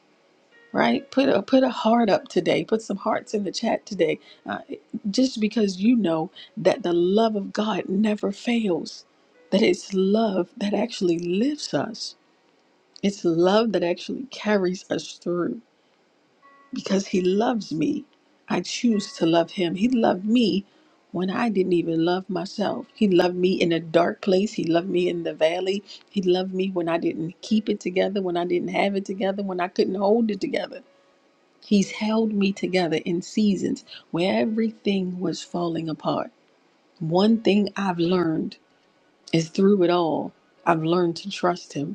Speaker 1: Right? Put a, put a heart up today. Put some hearts in the chat today. Uh, just because you know that the love of God never fails, that it's love that actually lifts us, it's love that actually carries us through because he loves me. I choose to love him. He loved me when I didn't even love myself. He loved me in a dark place. He loved me in the valley. He loved me when I didn't keep it together, when I didn't have it together, when I couldn't hold it together. He's held me together in seasons where everything was falling apart. One thing I've learned is through it all, I've learned to trust him.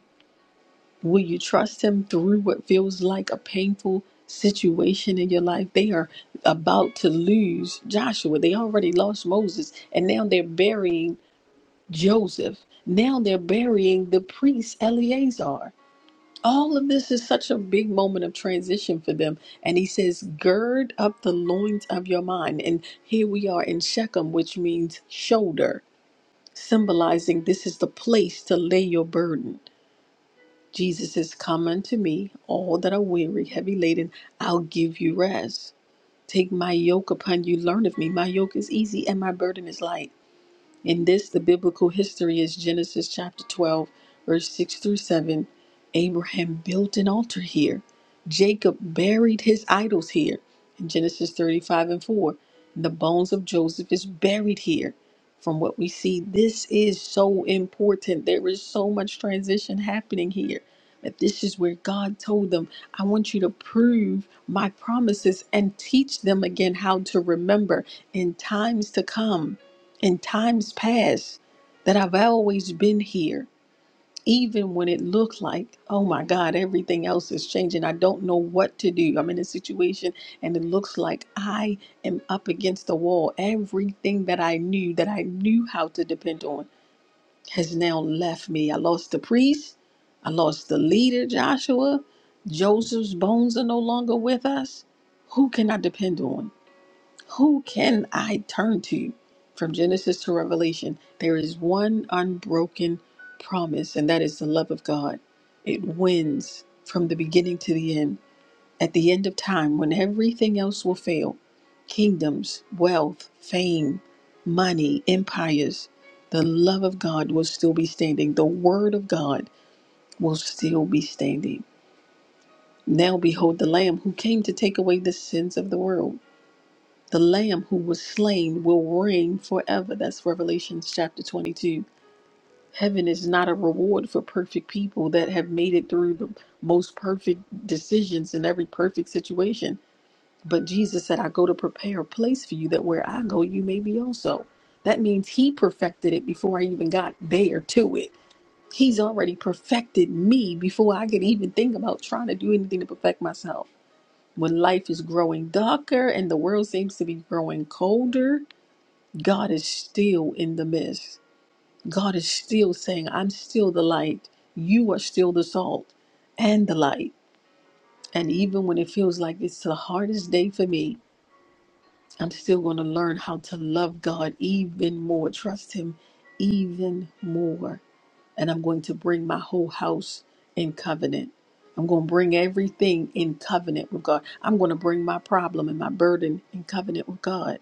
Speaker 1: Will you trust him through what feels like a painful situation in your life? They are about to lose Joshua. They already lost Moses, and now they're burying Joseph. Now they're burying the priest Eleazar. All of this is such a big moment of transition for them. And he says, Gird up the loins of your mind. And here we are in Shechem, which means shoulder, symbolizing this is the place to lay your burden. Jesus is come unto me, all that are weary, heavy laden, I'll give you rest. Take my yoke upon you, learn of me. My yoke is easy and my burden is light. In this, the biblical history is Genesis chapter 12, verse 6 through 7. Abraham built an altar here. Jacob buried his idols here. In Genesis 35 and 4, the bones of Joseph is buried here. From what we see, this is so important. There is so much transition happening here. That this is where God told them, I want you to prove my promises and teach them again how to remember in times to come in times past that I've always been here, even when it looked like, oh my God, everything else is changing. I don't know what to do. I'm in a situation and it looks like I am up against the wall. Everything that I knew, that I knew how to depend on, has now left me. I lost the priest, I lost the leader, Joshua. Joseph's bones are no longer with us. Who can I depend on? Who can I turn to? From Genesis to Revelation, there is one unbroken promise, and that is the love of God. It wins from the beginning to the end. At the end of time, when everything else will fail kingdoms, wealth, fame, money, empires the love of God will still be standing. The word of God will still be standing. Now behold the Lamb who came to take away the sins of the world. The Lamb who was slain will reign forever. That's Revelation chapter 22. Heaven is not a reward for perfect people that have made it through the most perfect decisions in every perfect situation. But Jesus said, I go to prepare a place for you that where I go, you may be also. That means he perfected it before I even got there to it. He's already perfected me before I could even think about trying to do anything to perfect myself. When life is growing darker and the world seems to be growing colder, God is still in the midst. God is still saying, I'm still the light. You are still the salt and the light. And even when it feels like it's the hardest day for me, I'm still going to learn how to love God even more, trust Him even more. And I'm going to bring my whole house in covenant. I'm going to bring everything in covenant with God. I'm going to bring my problem and my burden in covenant with God.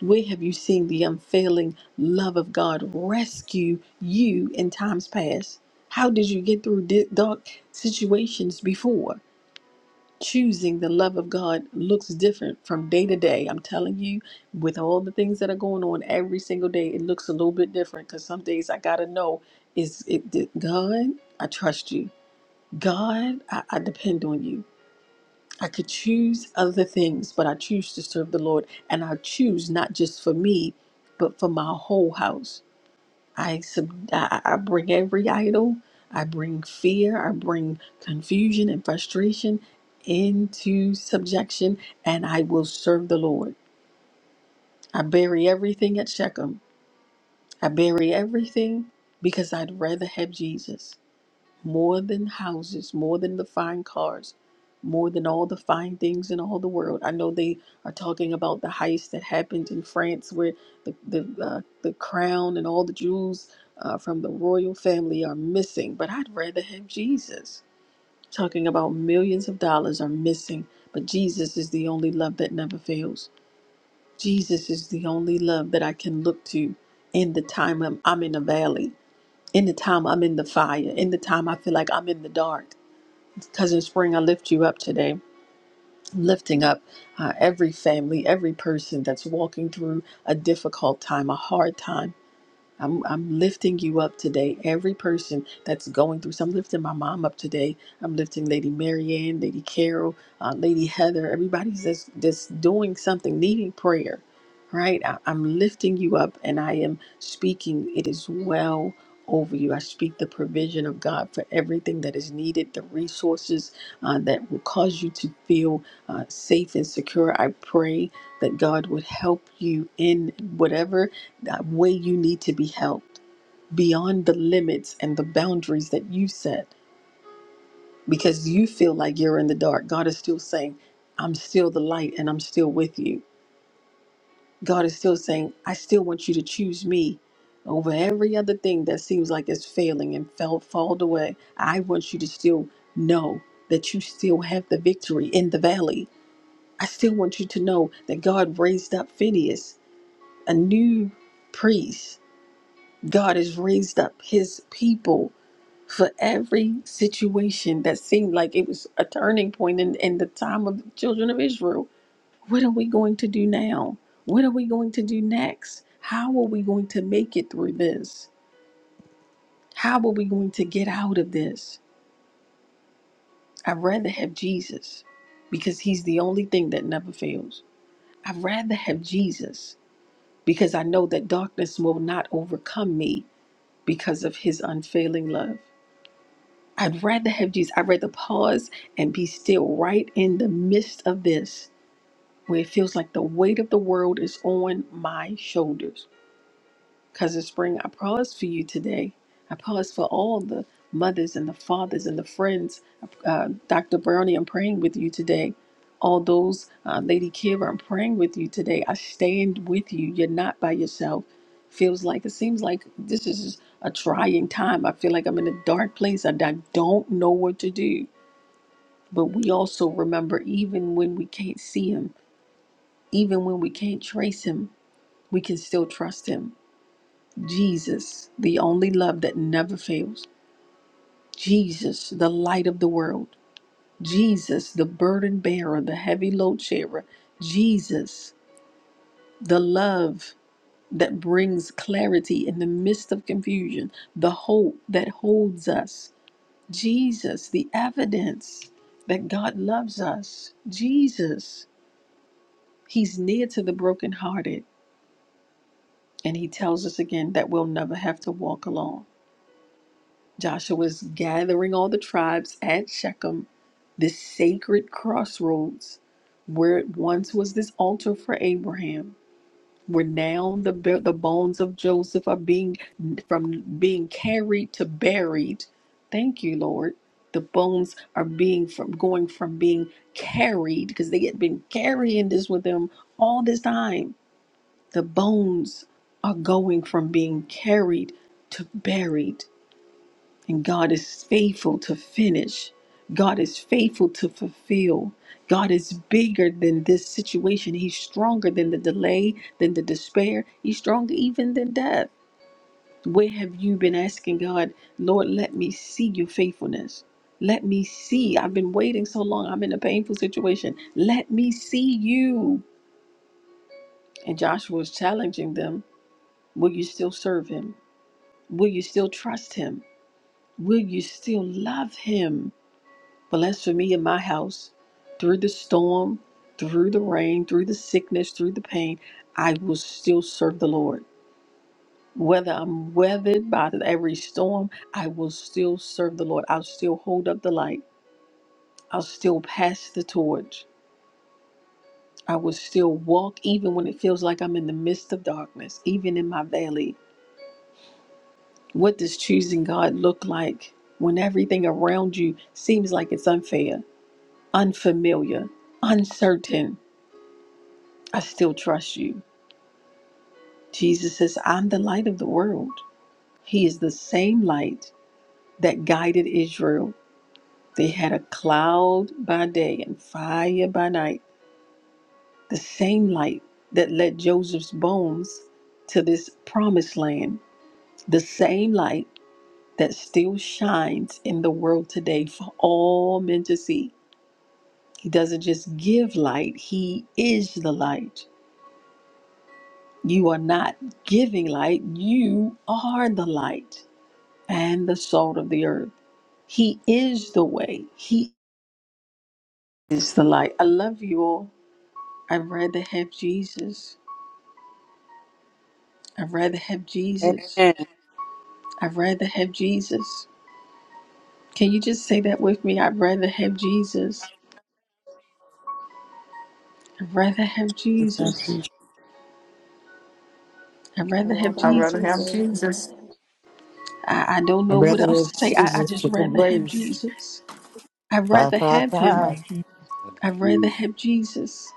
Speaker 1: Where have you seen the unfailing love of God rescue you in times past? How did you get through di- dark situations before? Choosing the love of God looks different from day to day. I'm telling you, with all the things that are going on every single day, it looks a little bit different because some days I got to know is it did- God, I trust you. God, I, I depend on you. I could choose other things, but I choose to serve the Lord, and I choose not just for me, but for my whole house. I sub- I I bring every idol, I bring fear, I bring confusion and frustration into subjection, and I will serve the Lord. I bury everything at Shechem. I bury everything because I'd rather have Jesus more than houses, more than the fine cars, more than all the fine things in all the world. I know they are talking about the heist that happened in France, where the the uh, the crown and all the jewels uh, from the royal family are missing. But I'd rather have Jesus. Talking about millions of dollars are missing, but Jesus is the only love that never fails. Jesus is the only love that I can look to in the time I'm, I'm in a valley in the time I'm in the fire, in the time I feel like I'm in the dark. Cousin Spring, I lift you up today. Lifting up uh, every family, every person that's walking through a difficult time, a hard time. I'm, I'm lifting you up today. Every person that's going through, so I'm lifting my mom up today. I'm lifting Lady Marianne, Lady Carol, uh, Lady Heather, everybody's that's, that's doing something, needing prayer, right? I, I'm lifting you up and I am speaking. It is well over you. I speak the provision of God for everything that is needed, the resources uh, that will cause you to feel uh, safe and secure. I pray that God would help you in whatever that way you need to be helped beyond the limits and the boundaries that you set because you feel like you're in the dark. God is still saying, I'm still the light and I'm still with you. God is still saying, I still want you to choose me over every other thing that seems like it's failing and fell fall away. I want you to still know that you still have the victory in the valley. I still want you to know that God raised up Phineas, a new priest God has raised up his people for every situation that seemed like it was a turning point in, in the time of the children of Israel. What are we going to do now? What are we going to do next? How are we going to make it through this? How are we going to get out of this? I'd rather have Jesus because he's the only thing that never fails. I'd rather have Jesus because I know that darkness will not overcome me because of his unfailing love. I'd rather have Jesus. I'd rather pause and be still right in the midst of this, where it feels like the weight of the world is on my shoulders Cousin Spring, I pause for you today. I pause for all the mothers and the fathers and the friends. Uh, Dr. Brownie, I'm praying with you today. All those, uh, Lady Kira, I'm praying with you today. I stand with you. You're not by yourself. Feels like it seems like this is a trying time. I feel like I'm in a dark place and I don't know what to do. But we also remember, even when we can't see him, even when we can't trace him, we can still trust him Jesus, the only love that never fails. Jesus, the light of the world. Jesus, the burden bearer, the heavy load sharer. Jesus, the love that brings clarity in the midst of confusion, the hope that holds us. Jesus, the evidence that God loves us. Jesus, He's near to the brokenhearted. And He tells us again that we'll never have to walk alone. Joshua's gathering all the tribes at Shechem, this sacred crossroads where it once was this altar for Abraham, where now the bo- the bones of Joseph are being from being carried to buried. Thank you, Lord. The bones are being from going from being carried because they had been carrying this with them all this time. The bones are going from being carried to buried and God is faithful to finish. God is faithful to fulfill. God is bigger than this situation. He's stronger than the delay, than the despair. He's stronger even than death. Where have you been asking God, Lord, let me see your faithfulness? Let me see. I've been waiting so long. I'm in a painful situation. Let me see you. And Joshua is challenging them Will you still serve him? Will you still trust him? Will you still love him? But as for me and my house, through the storm, through the rain, through the sickness, through the pain, I will still serve the Lord. Whether I'm weathered by every storm, I will still serve the Lord. I'll still hold up the light. I'll still pass the torch. I will still walk even when it feels like I'm in the midst of darkness, even in my valley. What does choosing God look like when everything around you seems like it's unfair, unfamiliar, uncertain? I still trust you. Jesus says, I'm the light of the world. He is the same light that guided Israel. They had a cloud by day and fire by night, the same light that led Joseph's bones to this promised land, the same light that still shines in the world today for all men to see. He doesn't just give light, He is the light. You are not giving light, you are the light. and the salt of the earth. He is the way. He is the light. I love you all. I'd rather have Jesus. I'd rather have Jesus.
Speaker 11: Amen.
Speaker 1: I'd rather have Jesus. Can you just say that with me? I'd rather have Jesus. I'd rather have
Speaker 2: Thank
Speaker 1: Jesus.
Speaker 2: you.
Speaker 1: I'd
Speaker 12: I'd
Speaker 1: rather have
Speaker 12: rather
Speaker 7: I'd
Speaker 12: have
Speaker 7: rather have
Speaker 1: Jesus.
Speaker 12: Jesus.
Speaker 7: Jesus.
Speaker 1: I, I don't
Speaker 8: I
Speaker 1: know what
Speaker 8: rather
Speaker 1: else to say. I, I
Speaker 8: Jesus
Speaker 1: just
Speaker 8: for
Speaker 1: rather have
Speaker 8: grace.
Speaker 1: Jesus. I'd
Speaker 8: Five,
Speaker 1: rather
Speaker 8: five,
Speaker 1: have
Speaker 8: five.
Speaker 1: him.
Speaker 4: have Jesus.
Speaker 1: I'd rather have Jesus.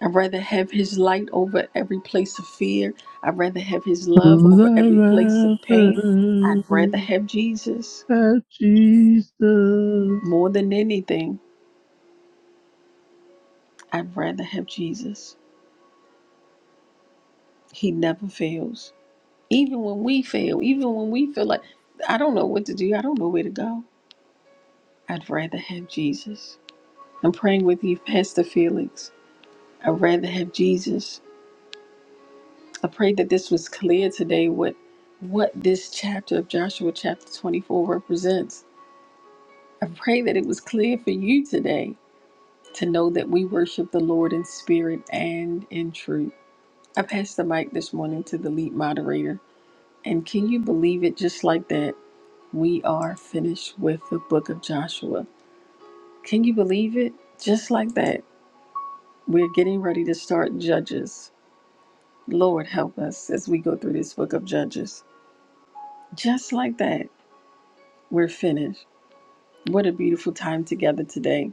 Speaker 1: I'd rather have his light over every place of fear. I'd rather have his love
Speaker 13: Who
Speaker 1: over every place of
Speaker 13: I rather
Speaker 1: pain. I'd rather have Jesus
Speaker 13: have Jesus.
Speaker 1: more than anything. I'd rather have Jesus. He never fails. Even when we fail, even when we feel like, I don't know what to do, I don't know where to go, I'd rather have Jesus. I'm praying with you, Pastor Felix. I'd rather have Jesus. I pray that this was clear today what, what this chapter of Joshua, chapter 24, represents I pray that it was clear for you today to know that we worship the Lord in spirit and in truth. I passed the mic this morning to the lead moderator, and can you believe it? Just like that, we are finished with the book of Joshua. Can you believe it? Just like that, we're getting ready to start Judges. Lord, help us as we go through this book of Judges. Just like that, we're finished. What a beautiful time together today.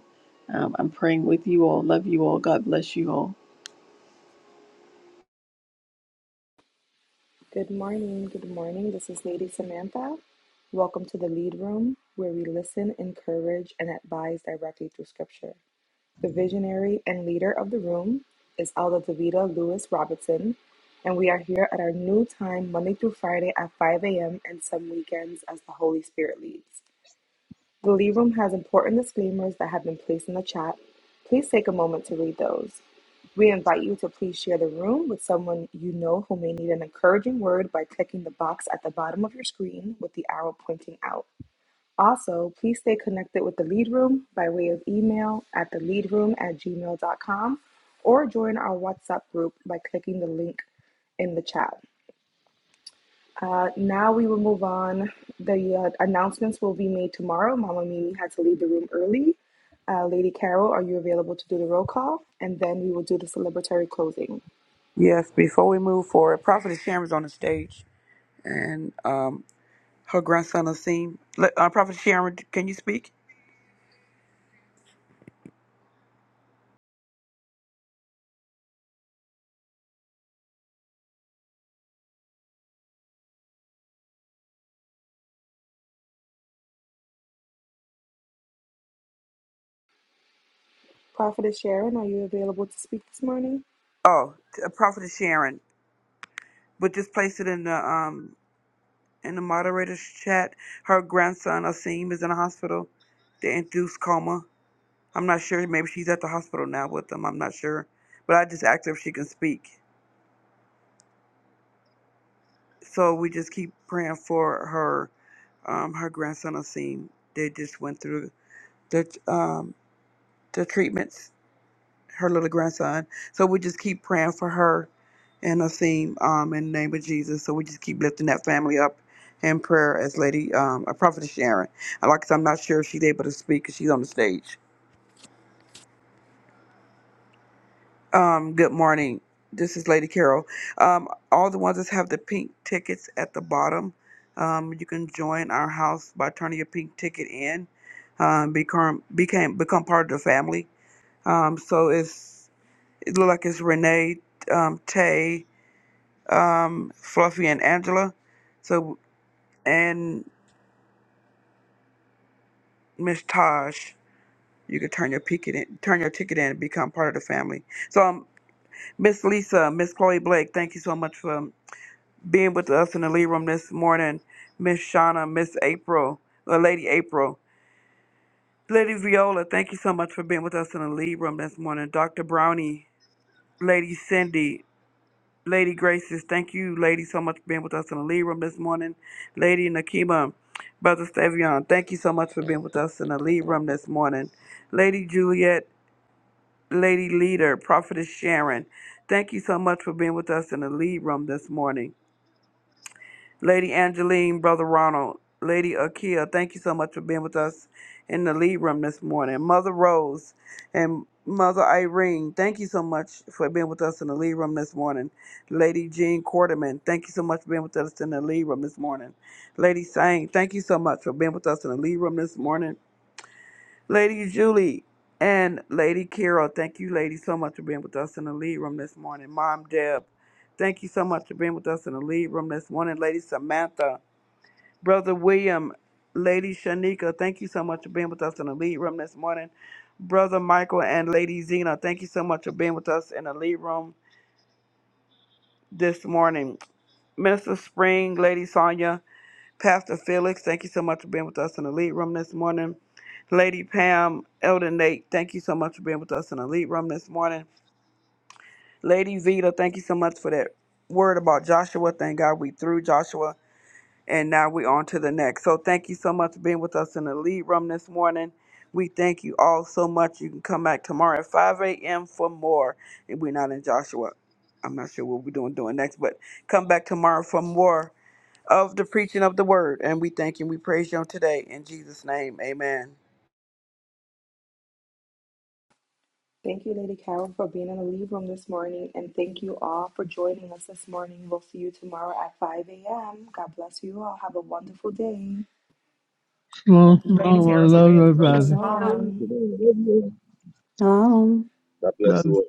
Speaker 1: Um, I'm praying with you all. Love you all. God bless you all.
Speaker 12: Good morning. Good morning. This is Lady Samantha. Welcome to the Lead Room, where we listen, encourage, and advise directly through Scripture. The visionary and leader of the room is Alda Davida Lewis Robertson, and we are here at our new time, Monday through Friday at 5 a.m., and some weekends as the Holy Spirit leads. The Lee Room has important disclaimers that have been placed in the chat. Please take a moment to read those. We invite you to please share the room with someone you know who may need an encouraging word by clicking the box at the bottom of your screen with the arrow pointing out. Also, please stay connected with the Lead Room by way of email at the lead room at gmail dot com, or join our WhatsApp group by clicking the link in the chat. Uh, now we will move on. The uh, announcements will be made tomorrow. Mama Mimi had to leave the room early. Uh, Lady Carol, are you available to do the roll call? And then we will do the celebratory closing.
Speaker 2: Yes, before we move forward, Prophet Sharon's on the stage, and um, Her grandson Asim. Le- Uh, Prophet Sharon, can you speak?
Speaker 12: Prophetess Sharon, are you available to speak this morning?
Speaker 2: Oh, uh, Prophet Sharon. But just place it in the um in the moderator's chat. Her grandson Asim is in the hospital. They induced coma. I'm not sure. Maybe she's at the hospital now with them. I'm not sure. But I just asked her if she can speak. So we just keep praying for her um her grandson Asim. They just went through the um the treatments her little grandson. So we just keep praying for her and Asim um, in the name of Jesus. So we just keep lifting that family up in prayer as Lady um, a Prophetess Sharon. I like, I'm not sure if she's able to speak because she's on the stage. Um, good morning. This is Lady Carol. Um, all the ones that have the pink tickets at the bottom, um, you can join our house by turning your pink ticket in. Um, become became become part of the family. Um, so it's it look like it's Renee, um, Tay, um, Fluffy and Angela. So and Miss Taj, you can turn your ticket in, turn your ticket in and become part of the family. So um, Miss Lisa, Miss Chloe Blake, thank you so much for um, being with us in the lead room this morning. Miss Shauna, Miss April, uh, Lady April, Lady Viola, thank you so much for being with us in the lead room this morning. Dr. Brownie, Lady Cindy, Lady Gracious, thank you, lady, so much for being with us in the lead room this morning. Lady Nakima, Brother Stavion, thank you so much for being with us in the lead room this morning. Lady Juliet, Lady Leader, Prophetess Sharon, thank you so much for being with us in the lead room this morning. Lady Angeline, Brother Ronald, Lady Akia, thank you so much for being with us in the lead room this morning. Mother Rose and Mother Irene, thank you so much for being with us in the lead room this morning. Lady Jean Quarterman, thank you so much for being with us in the lead room this morning. Lady Sang, thank you so much for being with us in the lead room this morning. Lady Julie and Lady Carol, thank you, ladies, so much for being with us in the lead room this morning. Mom Deb, thank you so much for being with us in the lead room this morning. Lady Samantha, Brother William, Lady Shanika, thank you so much for being with us in the lead room this morning. Brother Michael and Lady Zena, thank you so much for being with us in the lead room this morning. Minister Spring, Lady Sonia, Pastor Felix, thank you so much for being with us in the lead room this morning. Lady Pam, Elder Nate, thank you so much for being with us in the lead room this morning. Lady Zeta, thank you so much for that word about Joshua. Thank God we through Joshua. And now we're on to the next. So thank you so much for being with us in the lead room this morning. We thank you all so much. You can come back tomorrow at 5 a.m. for more. And we're not in Joshua. I'm not sure what we're doing doing next, but come back tomorrow for more of the preaching of the word. And we thank you and we praise you on today. In Jesus' name, amen.
Speaker 12: Thank you, Lady Carol, for being in the lead room this morning. And thank you all for joining us this morning. We'll see you tomorrow at 5 a.m. God bless you all. Have a wonderful day.
Speaker 13: Come on,
Speaker 7: Thank you,
Speaker 13: come
Speaker 7: Lady
Speaker 13: on, I
Speaker 7: Karen, for
Speaker 13: love
Speaker 7: being the
Speaker 13: everybody.
Speaker 14: Yeah.
Speaker 7: Shalom.
Speaker 12: Shalom.
Speaker 10: Oh.
Speaker 5: God bless
Speaker 13: Love.
Speaker 5: you all.